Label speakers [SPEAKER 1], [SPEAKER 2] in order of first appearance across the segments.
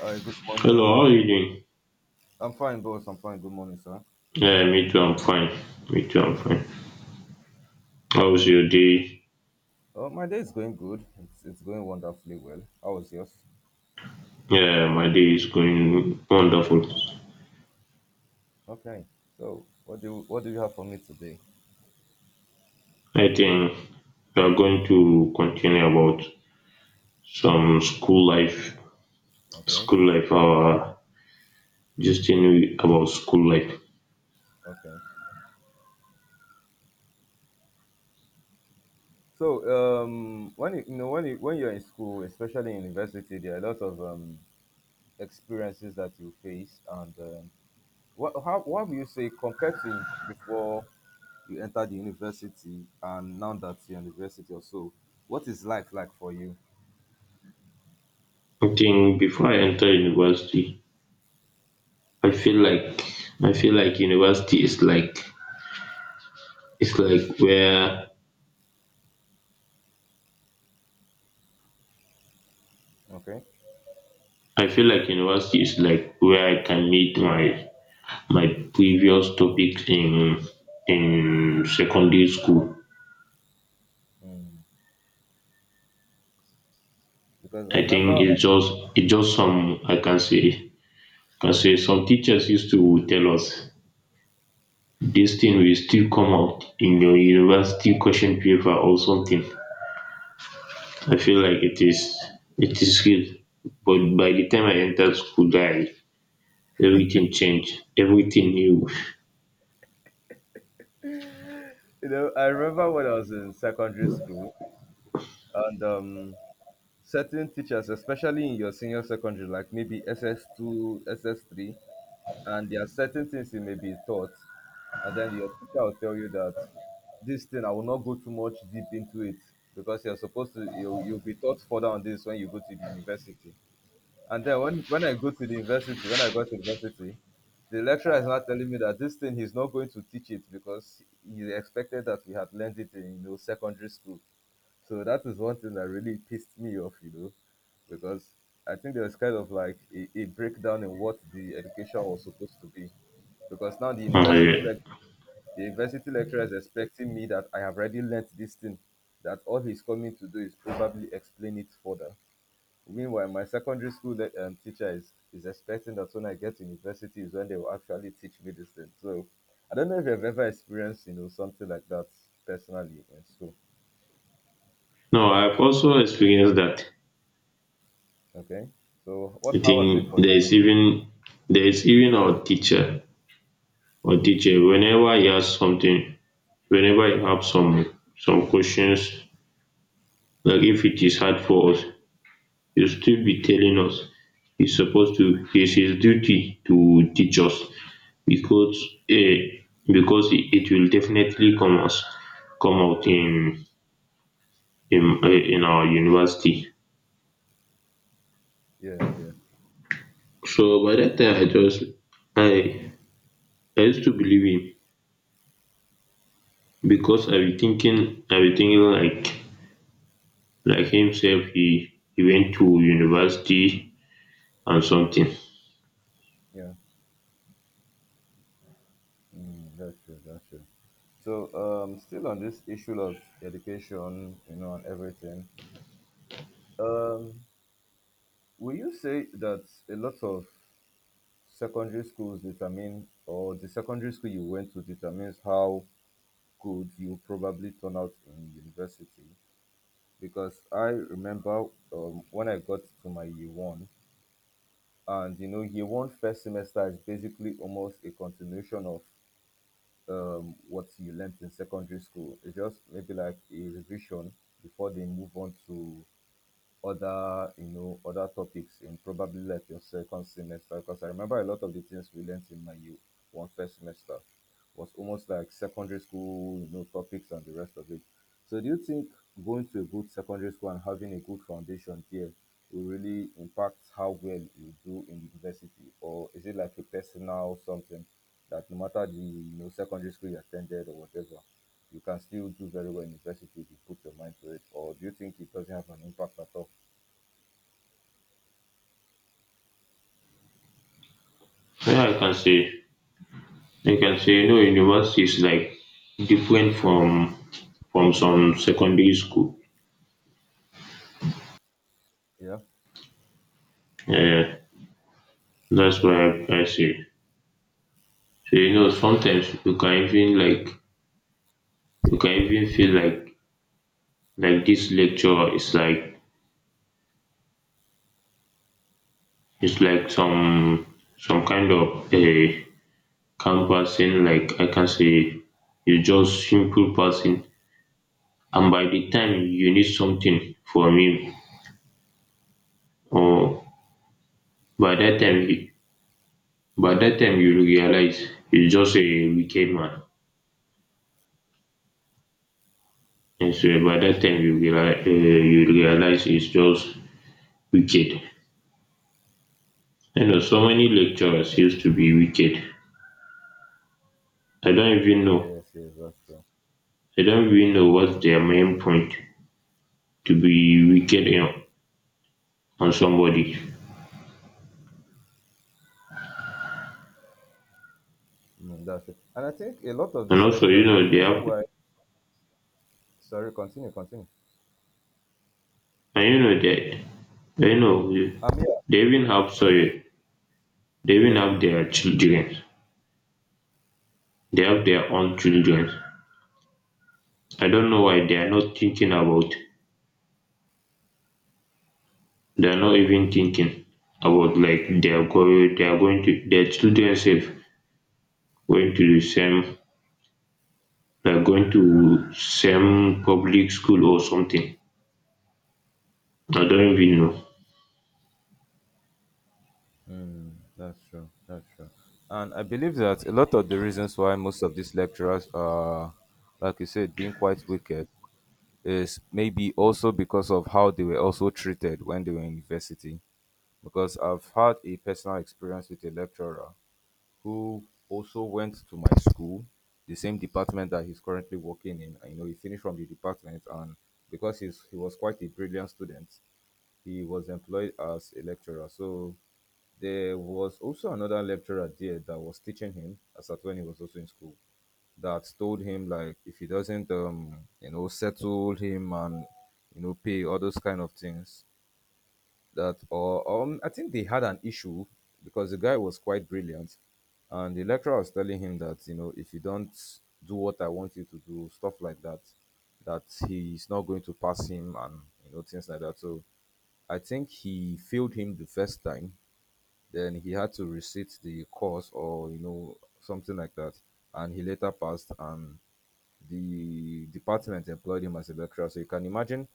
[SPEAKER 1] Hi, good
[SPEAKER 2] Hello,
[SPEAKER 1] morning.
[SPEAKER 2] how are you doing?
[SPEAKER 1] I'm fine, boss. I'm fine. Good morning, sir.
[SPEAKER 2] Yeah, me too, I'm fine. Me too, I'm fine. How's your day?
[SPEAKER 1] My day is going good. It's going wonderfully well. How was yours?
[SPEAKER 2] Yeah, my day is going wonderful.
[SPEAKER 1] Okay. So, what do you have for me today?
[SPEAKER 2] I think we are going to continue about some
[SPEAKER 1] Okay.
[SPEAKER 2] school life, just in about school life.
[SPEAKER 1] Okay. So, when you, when you're in school, especially in university, there are a lot of experiences that you face, and what how what would you say compared to before you entered the university and now that you're in university or so, what is life like for you?
[SPEAKER 2] I think before I enter university, I feel like I feel like university is like it's like where
[SPEAKER 1] Okay.
[SPEAKER 2] I feel like university is like where I can meet my previous topic in secondary school.
[SPEAKER 1] Hmm. Because I
[SPEAKER 2] I think
[SPEAKER 1] remember,
[SPEAKER 2] it's just some I can say some teachers used to tell us this thing will still come out in your university question paper or something. I feel like it is real. But by the time I entered school, I everything changed, everything new.
[SPEAKER 1] you know, I remember when I was in secondary school and certain teachers, especially in your senior secondary, like maybe SS2, SS3, and there are certain things you may be taught, and then your teacher will tell you that this thing I will not go too much deep into it because you're supposed to you you'll be taught further on this when you go to the university. And then when I go to the university, when I got to university, the lecturer is now telling me that this thing he's not going to teach it because he expected that we had learned it in you know secondary school. So that is one thing that really pissed me off, you know, because I think there was kind of like a breakdown in what the education was supposed to be. Because now
[SPEAKER 2] Uh,
[SPEAKER 1] the university lecturer is expecting me that I have already learnt this thing, that all he's coming to do is probably explain it further. Meanwhile, my secondary school teacher is expecting that when I get to university is when they will actually teach me this thing. So I don't know if you've ever experienced, you know, something like that personally in school.
[SPEAKER 2] no, I've also experienced that.
[SPEAKER 1] Okay. So
[SPEAKER 2] I
[SPEAKER 1] what how was it
[SPEAKER 2] think
[SPEAKER 1] for you?
[SPEAKER 2] there is even our teacher. But teacher, whenever you ask something, whenever you have some questions, like if it is hard for us, you still be telling us. He's supposed to. It's his duty to teach us because eh, because it will definitely come us come out in in our university.
[SPEAKER 1] Yeah, yeah,
[SPEAKER 2] So by that time, I just I I used to believe him because I be thinking like himself. He went to university and something.
[SPEAKER 1] yeah. Mm, that's true, that's true. So still on this issue of education, you know, and everything. Um will you say that a lot of secondary schools determine or the secondary school you went to determines how could you probably turn out in university because I remember when I got to my year one, and you know, year one first semester is basically almost a continuation of what you learnt in secondary school. It's just maybe like a revision before they move on to other you know other topics in probably like your second semester, because I remember a lot of the things we learned in my year one first semester was almost like secondary school you know topics and the rest of it. So do you think going to a good secondary school and having a good foundation there will really impact how well you do in university, or is it like a personal something that no matter the you know secondary school you attended or whatever you can still do very well in university if you put your mind to it, or do you think it doesn't have an impact at all?
[SPEAKER 2] Yeah, I can say no, university is like different from some secondary school.
[SPEAKER 1] Yeah,
[SPEAKER 2] Yeah, that's what I say. So you know sometimes you can even like you can even feel like this lecture is like it's like some kind of a canvassing, like I can say you just simple person, and by the time you need something from him, or by that time, you realize it's just a wicked man. And
[SPEAKER 1] yeah,
[SPEAKER 2] so by that time you realize he's just wicked. You know, so many lecturers used to be wicked. I don't even know.
[SPEAKER 1] yes, yes, that's true.
[SPEAKER 2] I don't even know what's their main point to be wicked, you know, on somebody.
[SPEAKER 1] Mm, that's true. And I think a lot of
[SPEAKER 2] And
[SPEAKER 1] these
[SPEAKER 2] also, you
[SPEAKER 1] lecturers, the
[SPEAKER 2] know, they
[SPEAKER 1] reason
[SPEAKER 2] have,
[SPEAKER 1] why, sorry, continue.
[SPEAKER 2] and you know,
[SPEAKER 1] Um,
[SPEAKER 2] they even have, sorry, they even
[SPEAKER 1] yeah,
[SPEAKER 2] have their children. They have their own children. I don't know why they are not thinking about they're not even thinking about like they're going to their children safe going to the same like going
[SPEAKER 1] yeah, okay.
[SPEAKER 2] to same public school or something. I don't even know.
[SPEAKER 1] Mm, that's true, that's true. And I believe that a lot of the reasons why most of these lecturers are, like you said, being quite wicked is maybe also because of how they were also treated when they were in university. Because I've had a personal experience with a lecturer who also went to my school, the same department that he's currently working in. And, you know, he finished from the department, and he was quite a brilliant student, he was employed as a lecturer. So there was also another lecturer there that was teaching him as at when he was also in school that told him like if he doesn't you know settle him and you know pay all those kind of things that or I think they had an issue because the guy was quite brilliant and the lecturer was telling him that you know if you don't do what I want you to do stuff like that that he's not going to pass him and you know things like that. So I think he failed him the first time, then he had to resit the course or you know something like that, and he later passed and the department employed him as a lecturer. So you can imagine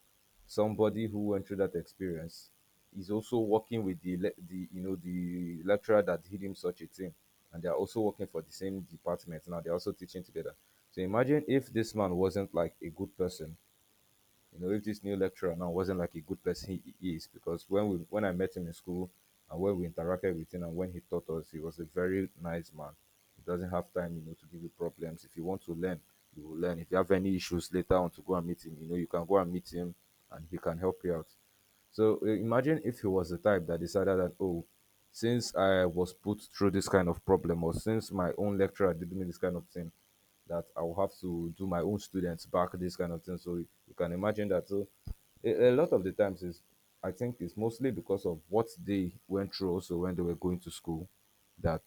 [SPEAKER 1] somebody who went through that experience is also working with the the you know the lecturer that did him such a thing, and they are also working for the same department now. They're also teaching together. So imagine if this man wasn't like a good person, you know, if this new lecturer now wasn't like a good person he is, because when I met him in school and when we interacted with him and when he taught us, he was a very nice man. He doesn't have time, you know, to give you problems. If you want to learn, you will learn. If you have any issues later on to go and meet him, you know, you can go and meet him and he can help you out. So imagine if he was the type that decided that, oh, since I was put through this kind of problem, or since my own lecturer did me this kind of thing, that I will have to do my own students back this kind of thing. So you can imagine that. So a lot of the times is, I think, it's mostly because of what they went through also when they were going to school, that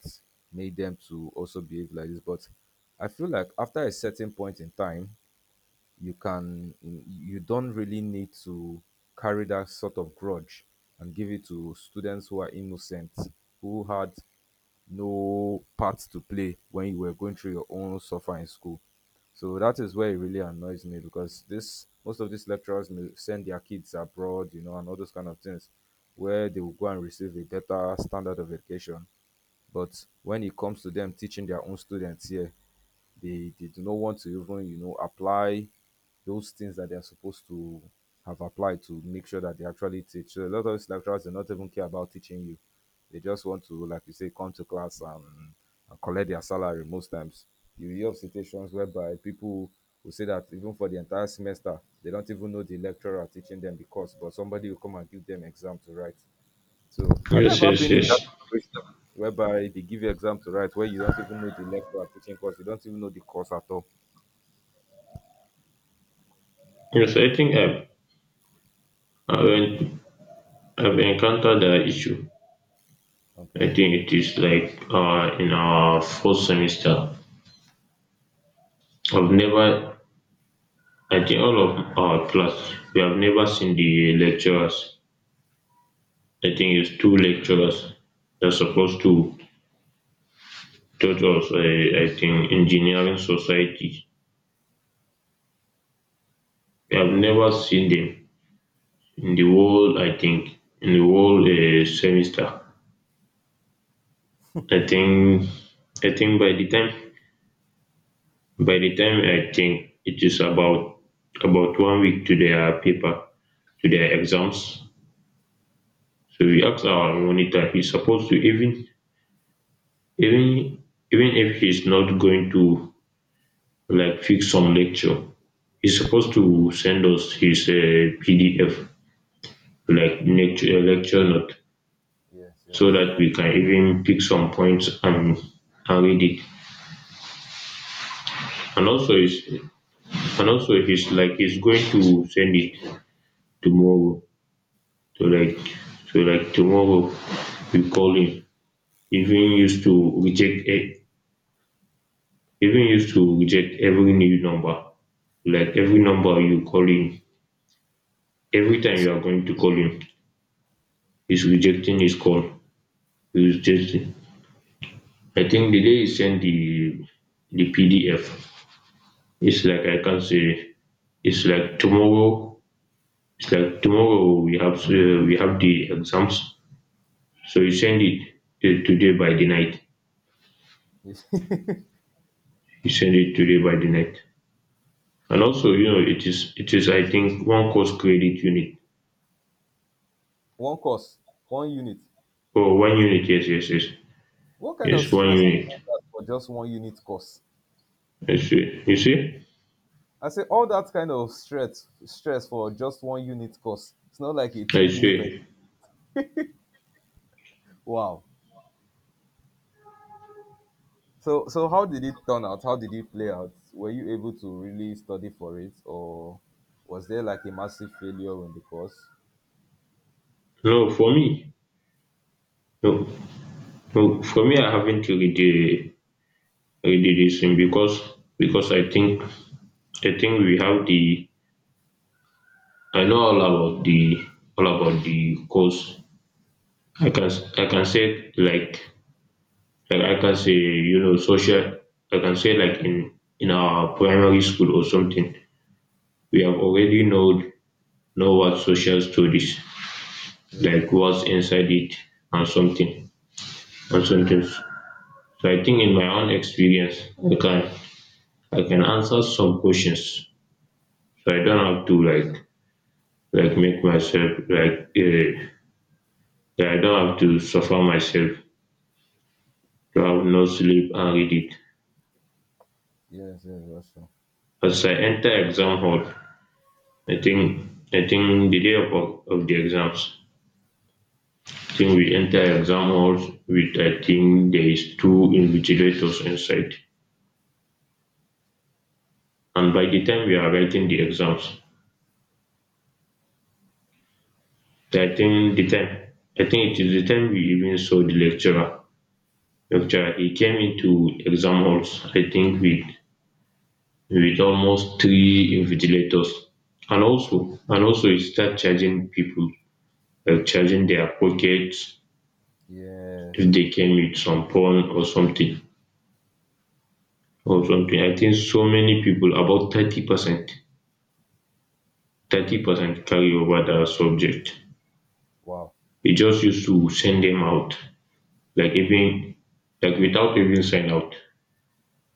[SPEAKER 1] made them to also behave like this. But I feel like after a certain point in time, you don't really need to carry that sort of grudge and give it to students who are innocent who had no part to play when you were going through your own suffer in school. So that is where it really annoys me, because this most of these lecturers may send their kids abroad you know and all those kind of things where they will go and receive a better standard of education, but when it comes to them teaching their own students here, they do not want to even, you know, apply those things that they're supposed to have applied to make sure that they actually teach. So a lot of these lecturers do not even care about teaching you. They just want to, like you say, come to class and collect their salary most times. You hear of situations whereby people will say that even for the entire semester, they don't even know the lecturer teaching them the course, but somebody will come and give them exam to write. So, have you
[SPEAKER 2] Yes,
[SPEAKER 1] ever
[SPEAKER 2] yes,
[SPEAKER 1] been in that
[SPEAKER 2] yes.
[SPEAKER 1] situation whereby they give you exam to write where you don't even know the lecturer teaching course, you don't even know the course at all?
[SPEAKER 2] Yes, I think I've, I've encountered that issue. I
[SPEAKER 1] Okay.
[SPEAKER 2] think it is like in our first semester. I've never, I think all of our class, we have never seen the lecturers. I think it's two lecturers that's supposed to. Church was I think, engineering society. I've
[SPEAKER 1] Okay.
[SPEAKER 2] never seen them in the whole, I think, in the whole semester. I think, I think by the time I think it is about 1 week to their paper, to their exams. So we asked our monitor. He's supposed to even even if he's not going to like fix some lecture, he's
[SPEAKER 1] Yeah.
[SPEAKER 2] supposed to send us his PDF, like
[SPEAKER 1] Mm.
[SPEAKER 2] lecture note.
[SPEAKER 1] Yes. Yes.
[SPEAKER 2] So that we can even pick some points and read it. And also is and also he's like he's going to send it tomorrow. So like tomorrow we call him. Even used to reject e- even used to reject every new number. Like
[SPEAKER 1] Yeah.
[SPEAKER 2] every number you call him, every time you are going to call him, he's rejecting his call. He's rejecting. I think the day he sent the PDF, it's like I can say it's like tomorrow it's like tomorrow we have the exams, so you send it today by the night.
[SPEAKER 1] Yes.
[SPEAKER 2] You send it today by the night, and also you know it is I think one course credit unit
[SPEAKER 1] One course, one unit.
[SPEAKER 2] or one unit. Yes, yes, yes,
[SPEAKER 1] What kind of
[SPEAKER 2] yes, one
[SPEAKER 1] stress is
[SPEAKER 2] unit.
[SPEAKER 1] all that for just one unit course?
[SPEAKER 2] I see. You see,
[SPEAKER 1] I say all that kind of stress, stress for just one unit course. It's not like a two
[SPEAKER 2] I
[SPEAKER 1] unit.
[SPEAKER 2] see.
[SPEAKER 1] Wow. So, so how did it turn out? How did it play out? Were you able to really study for it, or was there like a massive failure in the course?
[SPEAKER 2] No, for me, no, no, for me, I haven't read the read this thing because I think we have the I know all about the course. I can say like I can say you know social I can say like in our primary school or something we have already know what social studies
[SPEAKER 1] Yes,
[SPEAKER 2] like what's inside it and something and something. So I think in my own experience I can answer some questions, so I don't have to like make myself like that I don't have to suffer myself to have no sleep and read it.
[SPEAKER 1] yes, yes, Russia.
[SPEAKER 2] As I enter exam hall I think I think the day of the exams. I think we enter exam halls with I think there is two invigilators inside. And by the time we are writing the exams, I think the time I think it is the time we even saw the lecturer. Lecturer he came into exam halls I think with almost three invigilators. And also he start charging people, like charging their pockets if
[SPEAKER 1] Yes.
[SPEAKER 2] they came with some phone or something. Or something. I think so many people, about 30%, 30% carry over that subject.
[SPEAKER 1] Wow.
[SPEAKER 2] They just used to send them out, like even like without even sign out.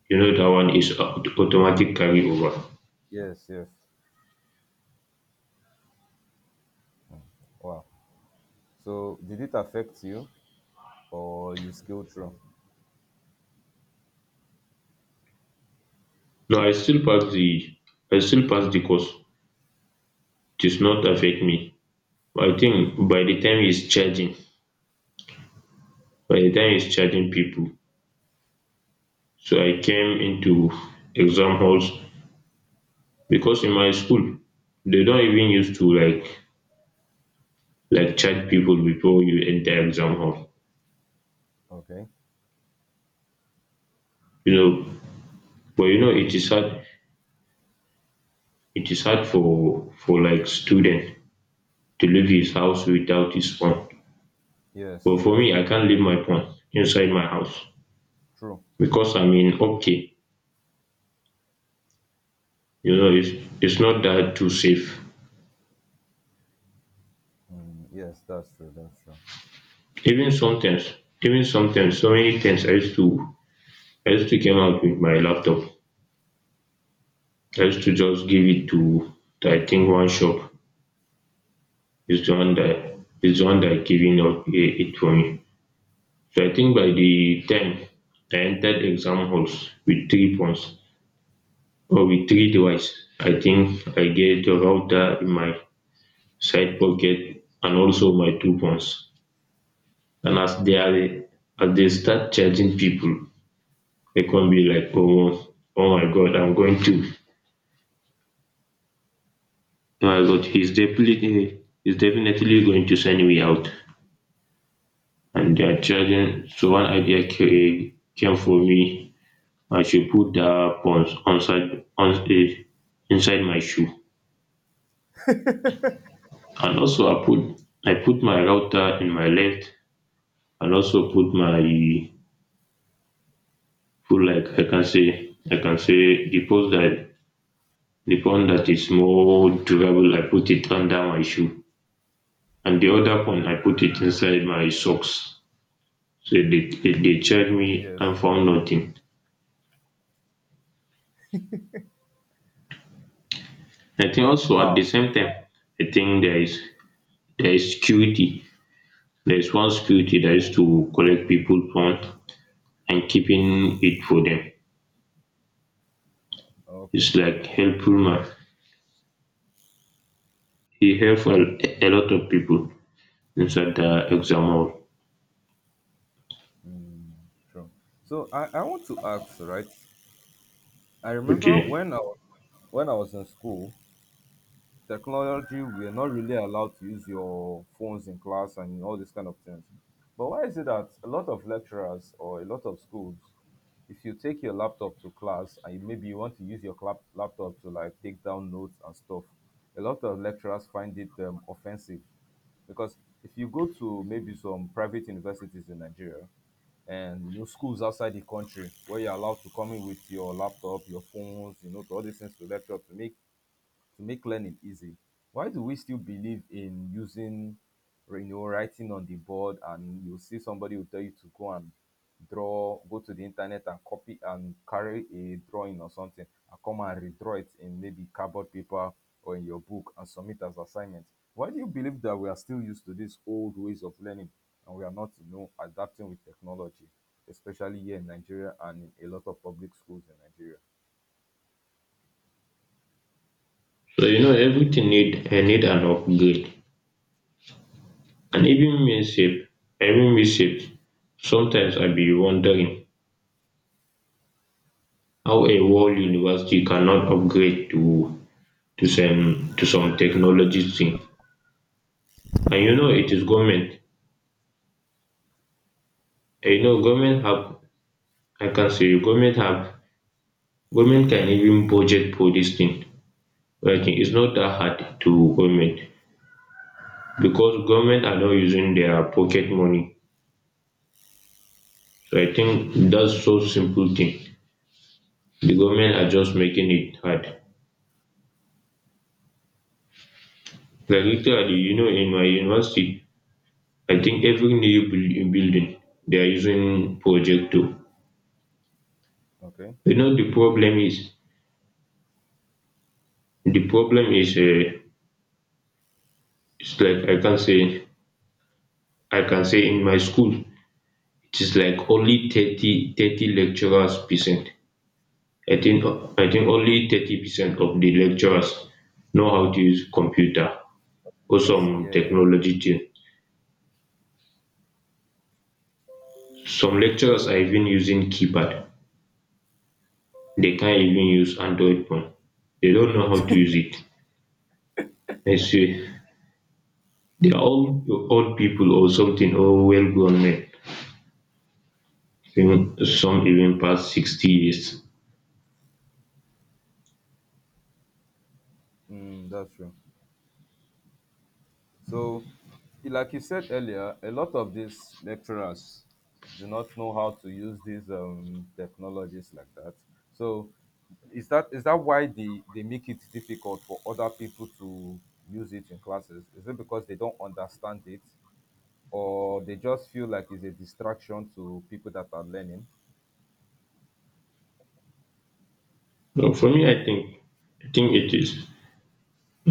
[SPEAKER 2] You know that one is aut- automatic carryover.
[SPEAKER 1] Yes, yes. Wow. So, did it affect you, or you still through?
[SPEAKER 2] No, I still pass the I still pass the course. It does not affect me. I
[SPEAKER 1] Okay.
[SPEAKER 2] think by the time it's charging, people. So I came into exam halls because in my school they don't even used to like chat people before you enter exam hall,
[SPEAKER 1] Okay.
[SPEAKER 2] you know, but you know it is hard for like student to leave his house without his phone,
[SPEAKER 1] Yes,
[SPEAKER 2] but for
[SPEAKER 1] yes.
[SPEAKER 2] me I can't leave my phone inside my house
[SPEAKER 1] True.
[SPEAKER 2] because I'm in okay, you know, it's not that too safe.
[SPEAKER 1] Mm, yes, that's true. That's true.
[SPEAKER 2] Even sometimes so many times I used to came out with my laptop. I used to
[SPEAKER 1] Okay.
[SPEAKER 2] just give it to I think one shop is the one
[SPEAKER 1] True.
[SPEAKER 2] that giving up it for me. So I think by the time I entered exam halls with three phones or with three device, I think I get a router in my side pocket and also my two phones. And as they are as they start charging people, they can be like, oh, oh my god, I'm going to oh my god, he's definitely going to send me out. And they are charging, so one
[SPEAKER 1] True. True.
[SPEAKER 2] idea ca- came for me. I should put that purse inside on, inside my shoe. And also I put my router in my left and also put my put like I can say the purse that the pawn that is more durable I put it under my shoe, and the other pawn I put it inside my socks. So they checked me
[SPEAKER 1] Yes.
[SPEAKER 2] and found nothing. I think also at the
[SPEAKER 1] Wow.
[SPEAKER 2] same time I think there is security. There is one security that used to collect people pawn and keeping it for them.
[SPEAKER 1] Okay.
[SPEAKER 2] It's like
[SPEAKER 1] Okay.
[SPEAKER 2] helpful man. He helped a lot of people inside the exam hall.
[SPEAKER 1] Mm, true. So I want to ask, right? I remember
[SPEAKER 2] Okay.
[SPEAKER 1] when I was in school, technology we are not really allowed to use your phones in class and all these kind of things. But why is it that a lot of lecturers or a lot of schools, if you take your laptop to class and you- maybe you want to use your laptop to like take down notes and stuff, a lot of lecturers find it offensive because if you go to maybe some private universities in Nigeria and you know schools outside the country where you're allowed to come in with your laptop, your phones, you know, to all these things to lecture to make learning easy, why do we still believe in using, you know, writing on the board and you see somebody will tell you to go and draw, go to the internet and copy and carry a drawing or something and come and redraw it in maybe cardboard paper or in your book and submit as assignment? Why do you believe that we are still used to these old ways of learning and we are not, adapting with technology, especially here in Nigeria and in a lot of public schools in Nigeria?
[SPEAKER 2] So you know everything need I need an upgrade. And even me sef, even me sef, sometimes I be wondering how a world
[SPEAKER 1] Okay.
[SPEAKER 2] university cannot upgrade to to some technology thing. And you
[SPEAKER 1] Yeah.
[SPEAKER 2] know it is government. And you
[SPEAKER 1] Yes.
[SPEAKER 2] know government have I can say government have government can even budget for this thing. Working. It's not that hard to government because government are not using their pocket money. So I think
[SPEAKER 1] Mm.
[SPEAKER 2] that's so simple thing. The government are just making it hard. Like
[SPEAKER 1] That's
[SPEAKER 2] literally, you
[SPEAKER 1] true.
[SPEAKER 2] know, in my university, I think every new buil- building they are using projector.
[SPEAKER 1] Okay.
[SPEAKER 2] You know, the problem is the problem is uh, it's like I can say in my school. It is like only 30 lecturers percent. i think I think only 30% of the lecturers know how to use computer or some
[SPEAKER 1] That's yeah,
[SPEAKER 2] technology thing. Some lecturers are even using keypad. They can't even use android phone. They don't know how to use it. I see. They are all old people or something, or well grown men even.
[SPEAKER 1] yeah.
[SPEAKER 2] Some even past 60 years.
[SPEAKER 1] Mm, that's true. So, like you said earlier, a lot of these lecturers do not know how to use these technologies like that. So, is that why they make it difficult for other people to use it in classes? Is it because they don't understand it, or they just feel like it's a distraction to people that are learning?
[SPEAKER 2] But for me, I think, it is,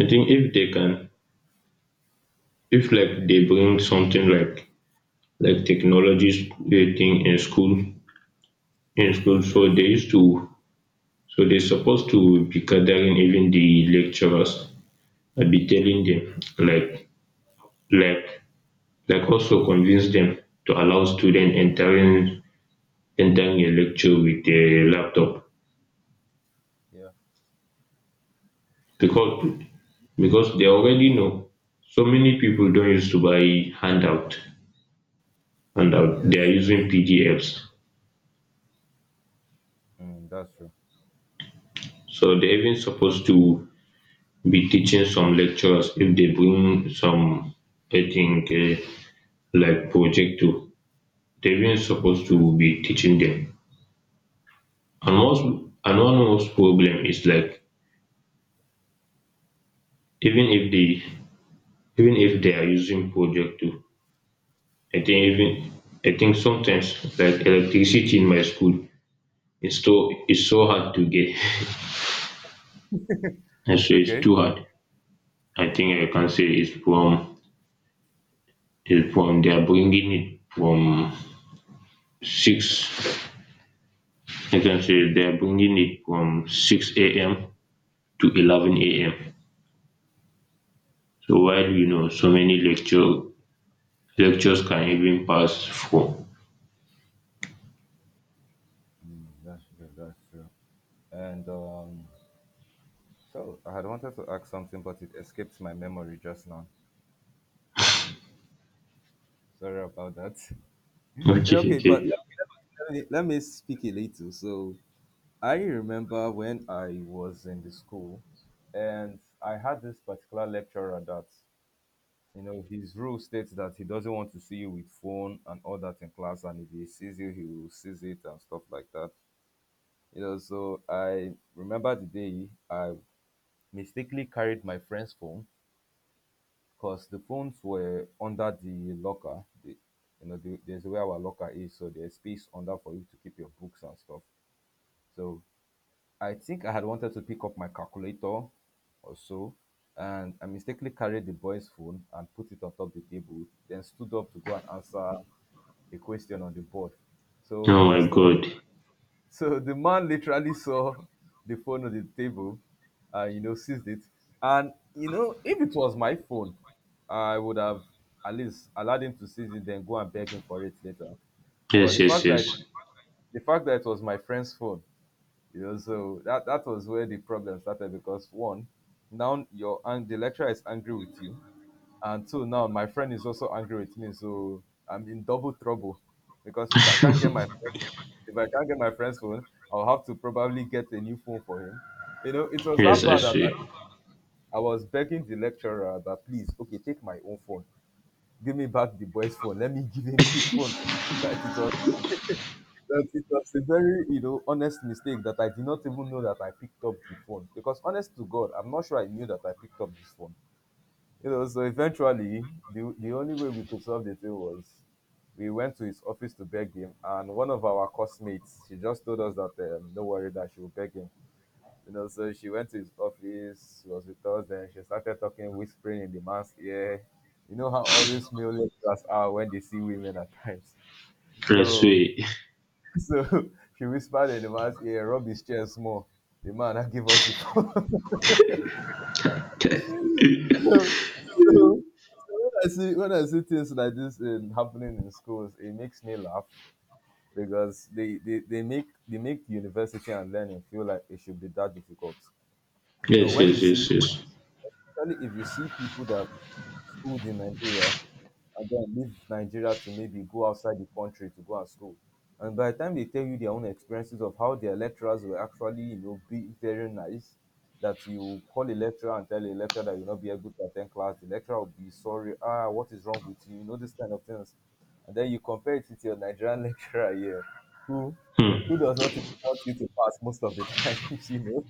[SPEAKER 2] I think if they can, if like they bring something like, technologies wey thing in school, so
[SPEAKER 1] Yes.
[SPEAKER 2] they used to, so they supposed to be gathering even the lecturers and be telling them, like, like also convince them to allow student entering, a lecture with a laptop.
[SPEAKER 1] Yeah.
[SPEAKER 2] Because they already know so many people don't used to buy handout. Handout, they are
[SPEAKER 1] Yes.
[SPEAKER 2] using
[SPEAKER 1] Yes.
[SPEAKER 2] PDFs.
[SPEAKER 1] Mm, that's true.
[SPEAKER 2] So they even supposed
[SPEAKER 1] That's
[SPEAKER 2] to be teaching some lecturers. If they bring some, I think, like projector, they weren't supposed to
[SPEAKER 1] yes.
[SPEAKER 2] be teaching them. And most, and one most problem is like, even if they, are using projector. I think even, I think sometimes like electricity in my school is so, hard to get. I say it's
[SPEAKER 1] Okay.
[SPEAKER 2] too hard. I think I can say it's from, they are bringing it from 6. I can say they are bringing it from 6 a.m. to 11 a.m. So while, you know, so many lecture. Lectures can even pass for.
[SPEAKER 1] Mm, that's true. That's true. And so I had wanted to ask something, but it escaped my memory just now. Sorry about that. It's
[SPEAKER 2] Okay,
[SPEAKER 1] okay, but
[SPEAKER 2] okay.
[SPEAKER 1] let me speak a little. So I remember when I was in the school, and I had this particular lecturer that you know his rule states that he doesn't want to see you with phone and all that in class, and if he sees you, he will seize it and stuff like that. You know, so I remember the day I mistakenly carried my friend's phone because the phones were under the locker. There's where our locker is, so there's space under for you to keep your books and stuff. So I think I had wanted to pick up my calculator or so, and I mistakenly carried the boy's phone and put it on top of the table. Then stood up to go and answer a question on the board. So
[SPEAKER 2] Oh
[SPEAKER 1] as I
[SPEAKER 2] my
[SPEAKER 1] stood up.
[SPEAKER 2] God.
[SPEAKER 1] So the man literally saw the phone on the table and, you know, seized it. And, you know, if it was my phone, I would have at least allowed him to seize it, then go and beg him for it later. But the
[SPEAKER 2] Yes, yes,
[SPEAKER 1] fact that
[SPEAKER 2] yes.
[SPEAKER 1] the fact that it was my friend's phone, you know, so that that was where the problem started, because one, now your and the lecturer is angry with you, and two, now my friend is also angry with me, so I'm in double trouble, because if I can't get my if I can't get my friend's phone, I'll have to probably get a new phone for him. You know, it was that
[SPEAKER 2] Yes, I
[SPEAKER 1] bad that
[SPEAKER 2] see.
[SPEAKER 1] I was begging the lecturer that, please, okay, take my own phone, give me back the boy's phone, let me give him his phone. That it was that it was a very, you know, honest mistake, that I did not even know that I picked up the phone, because honest to God, I'm not sure I knew that I picked up this phone. You know, so eventually the only way we could solve the thing was we went to his office to beg him, and one of our classmates, she just told us that, no worry, that she will beg him. You know, so she went to his office. She was with us, then she started talking, whispering in the man's ear. You know how all these male lecturers are when they see women at times.
[SPEAKER 2] Yes,
[SPEAKER 1] So
[SPEAKER 2] see.
[SPEAKER 1] so she whispered in the man's ear, rub his chest more. The man now give us the phone. so, so when I see things like this in, happening in schools, it makes me laugh, because they make university and learning feel like it should be that difficult. You know,
[SPEAKER 2] Yes,
[SPEAKER 1] when you
[SPEAKER 2] yes,
[SPEAKER 1] see,
[SPEAKER 2] yes, yes.
[SPEAKER 1] especially if you see people that schooled in Nigeria and then leave Nigeria to maybe go outside the country to go and school. And by the time they tell you their own experiences of how their lecturers were, actually, you know, be very nice, that you call a lecturer and tell a lecturer that you'll not be able to attend class, the lecturer will be sorry, ah, what is wrong with you? You know, this kind of things. And then you compare it with your Nigerian lecturer here, who
[SPEAKER 2] Hmm.
[SPEAKER 1] does not even want you to pass most of the time, you know.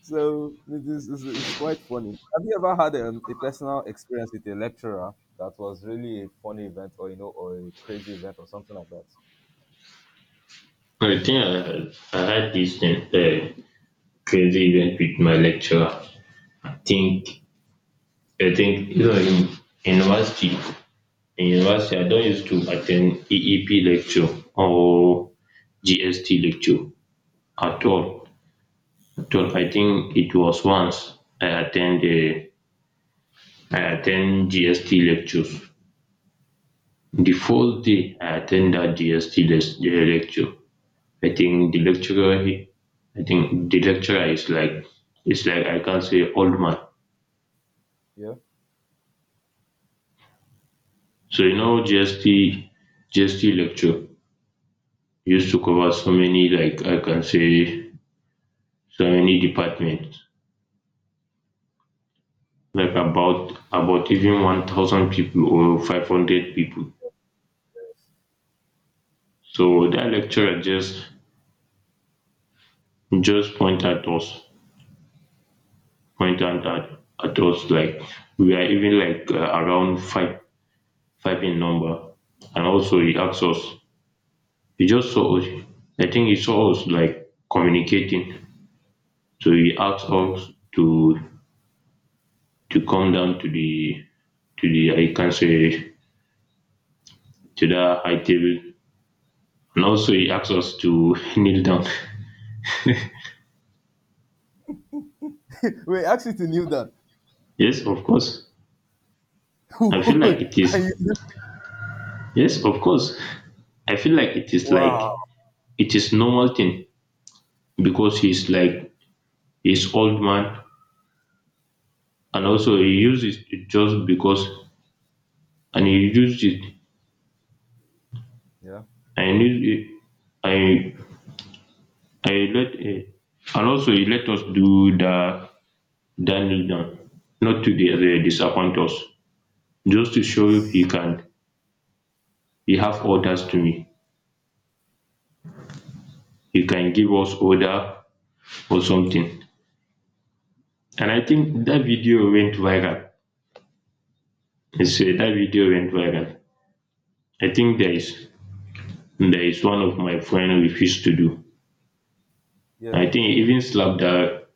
[SPEAKER 1] So it's quite funny. Have you ever had a personal experience with a lecturer that was really a funny event, or, you know, or a crazy event, or something like that?
[SPEAKER 2] No, I think I had, this crazy event with my lecturer. I think, I think, you know, in, university, I don't used to attend EEP lecture or GST lecture at all. At all. I think it was once I attended, I attend GST lectures. The first day I attend that GST lecture, I think the lecturer, he, I think the lecturer is like, it's like, I can say, old man.
[SPEAKER 1] Yeah.
[SPEAKER 2] So you know GST, lecture used to cover so many, like I can say, so many departments, like about even 1,000 people or 500 people. So that lecturer just point at us, point out at, us like we are even like, around five in number. And also he asked us, he just saw us, I think he saw us like communicating, so he asked
[SPEAKER 1] Okay.
[SPEAKER 2] us to, come down to the, I can say, to the high table. And also he asked us to kneel down.
[SPEAKER 1] Wait, actually, to knew that.
[SPEAKER 2] Yes, of course. I feel like it
[SPEAKER 1] Are
[SPEAKER 2] is,
[SPEAKER 1] you-
[SPEAKER 2] yes of course. I feel like it is
[SPEAKER 1] wow.
[SPEAKER 2] like, it is normal thing. Because he's like, he's old man. And also he used it just because. and he used it
[SPEAKER 1] Yeah.
[SPEAKER 2] and he used it I, let, eh, and also he let us do the, kneel down, not to the, disappoint us, just to show he can, he have orders to
[SPEAKER 1] Wow.
[SPEAKER 2] me. He can give us order or something. And I think that video went viral. I say that video went viral. I think there is, one of my friend refused to do.
[SPEAKER 1] Yeah.
[SPEAKER 2] I think he even slapped the,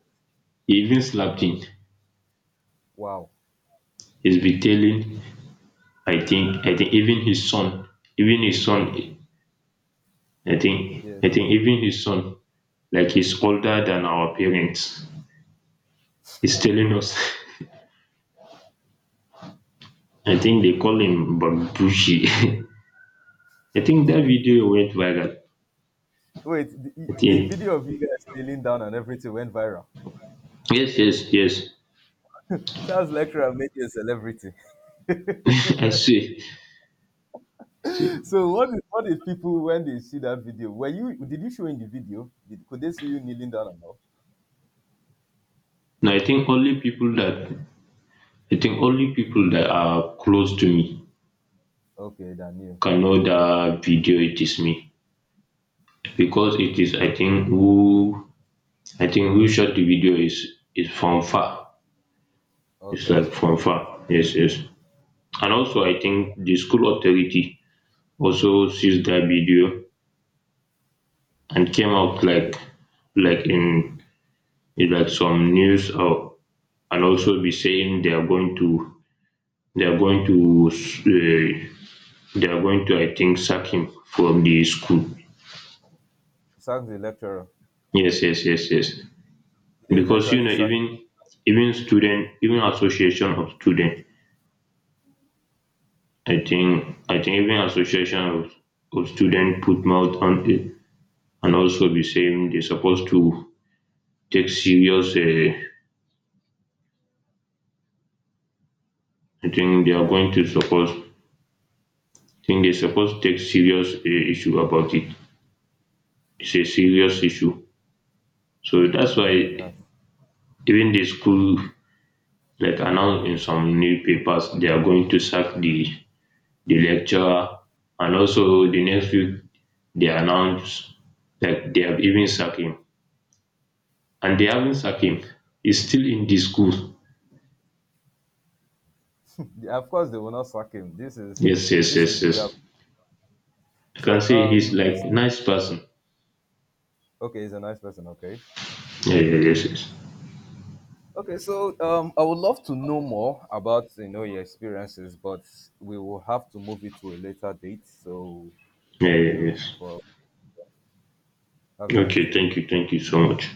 [SPEAKER 2] he even slapped him.
[SPEAKER 1] Wow.
[SPEAKER 2] He's been telling, I think even his son, even his son,
[SPEAKER 1] Yes,
[SPEAKER 2] I
[SPEAKER 1] yes.
[SPEAKER 2] think even his son, like he's older than our parents, is telling us. I think they call him Bagbushi. I think that video went viral.
[SPEAKER 1] Wait,
[SPEAKER 2] I
[SPEAKER 1] the
[SPEAKER 2] think,
[SPEAKER 1] video of you guys kneeling down and everything went viral.
[SPEAKER 2] yes, yes, yes.
[SPEAKER 1] Sounds lecturer made you a celebrity.
[SPEAKER 2] I see. See.
[SPEAKER 1] So what is people when they see that video? Were you did you show in the video? Did could they see you kneeling down or no?
[SPEAKER 2] No, I think only people that, are close to me
[SPEAKER 1] Okay, Daniel.
[SPEAKER 2] can know
[SPEAKER 1] Okay.
[SPEAKER 2] that video. It is me because it
[SPEAKER 1] Oh
[SPEAKER 2] is. I think who, shot the video is, from far. It's
[SPEAKER 1] okay,
[SPEAKER 2] like from
[SPEAKER 1] okay.
[SPEAKER 2] far. Yes, yes. And also, I think the school authority also sees that video, and came out like,
[SPEAKER 1] Oh,
[SPEAKER 2] in, like some news, or and also be saying they are going to, they are going to uh, they are going to, I think, sack him from the school.
[SPEAKER 1] sack the lecturer.
[SPEAKER 2] Yes, yes, yes, yes.
[SPEAKER 1] Did they
[SPEAKER 2] Because you
[SPEAKER 1] eventually
[SPEAKER 2] know
[SPEAKER 1] sack,
[SPEAKER 2] even, student, even association of student. I think even association of, student put mouth on it, and also be saying they're supposed to take serious. I think they are
[SPEAKER 1] yeah.
[SPEAKER 2] going to suppose. I think they're supposed to take serious issue about it. It's a serious issue, so that's why
[SPEAKER 1] Mm, that's,
[SPEAKER 2] even the school like announced in some newspapers they are going to sack the, lecturer. And also the next week they announced that they have even sacked him, and they haven't sacked him. He's still in the school.
[SPEAKER 1] of course they will not sack him. This is
[SPEAKER 2] Yes, yes,
[SPEAKER 1] this is
[SPEAKER 2] yes,
[SPEAKER 1] the way of-
[SPEAKER 2] yes. You can
[SPEAKER 1] so
[SPEAKER 2] say he's
[SPEAKER 1] this,
[SPEAKER 2] like nice person.
[SPEAKER 1] okay, he's a nice person, okay.
[SPEAKER 2] Yeah, yeah, yes, yes.
[SPEAKER 1] Okay, so I would love to know more about, you know, your experiences, but we will have to move it to a later date. So
[SPEAKER 2] Yeah,
[SPEAKER 1] thank
[SPEAKER 2] yeah,
[SPEAKER 1] you
[SPEAKER 2] yes.
[SPEAKER 1] for. Have a nice
[SPEAKER 2] Okay,
[SPEAKER 1] day.
[SPEAKER 2] thank you so much.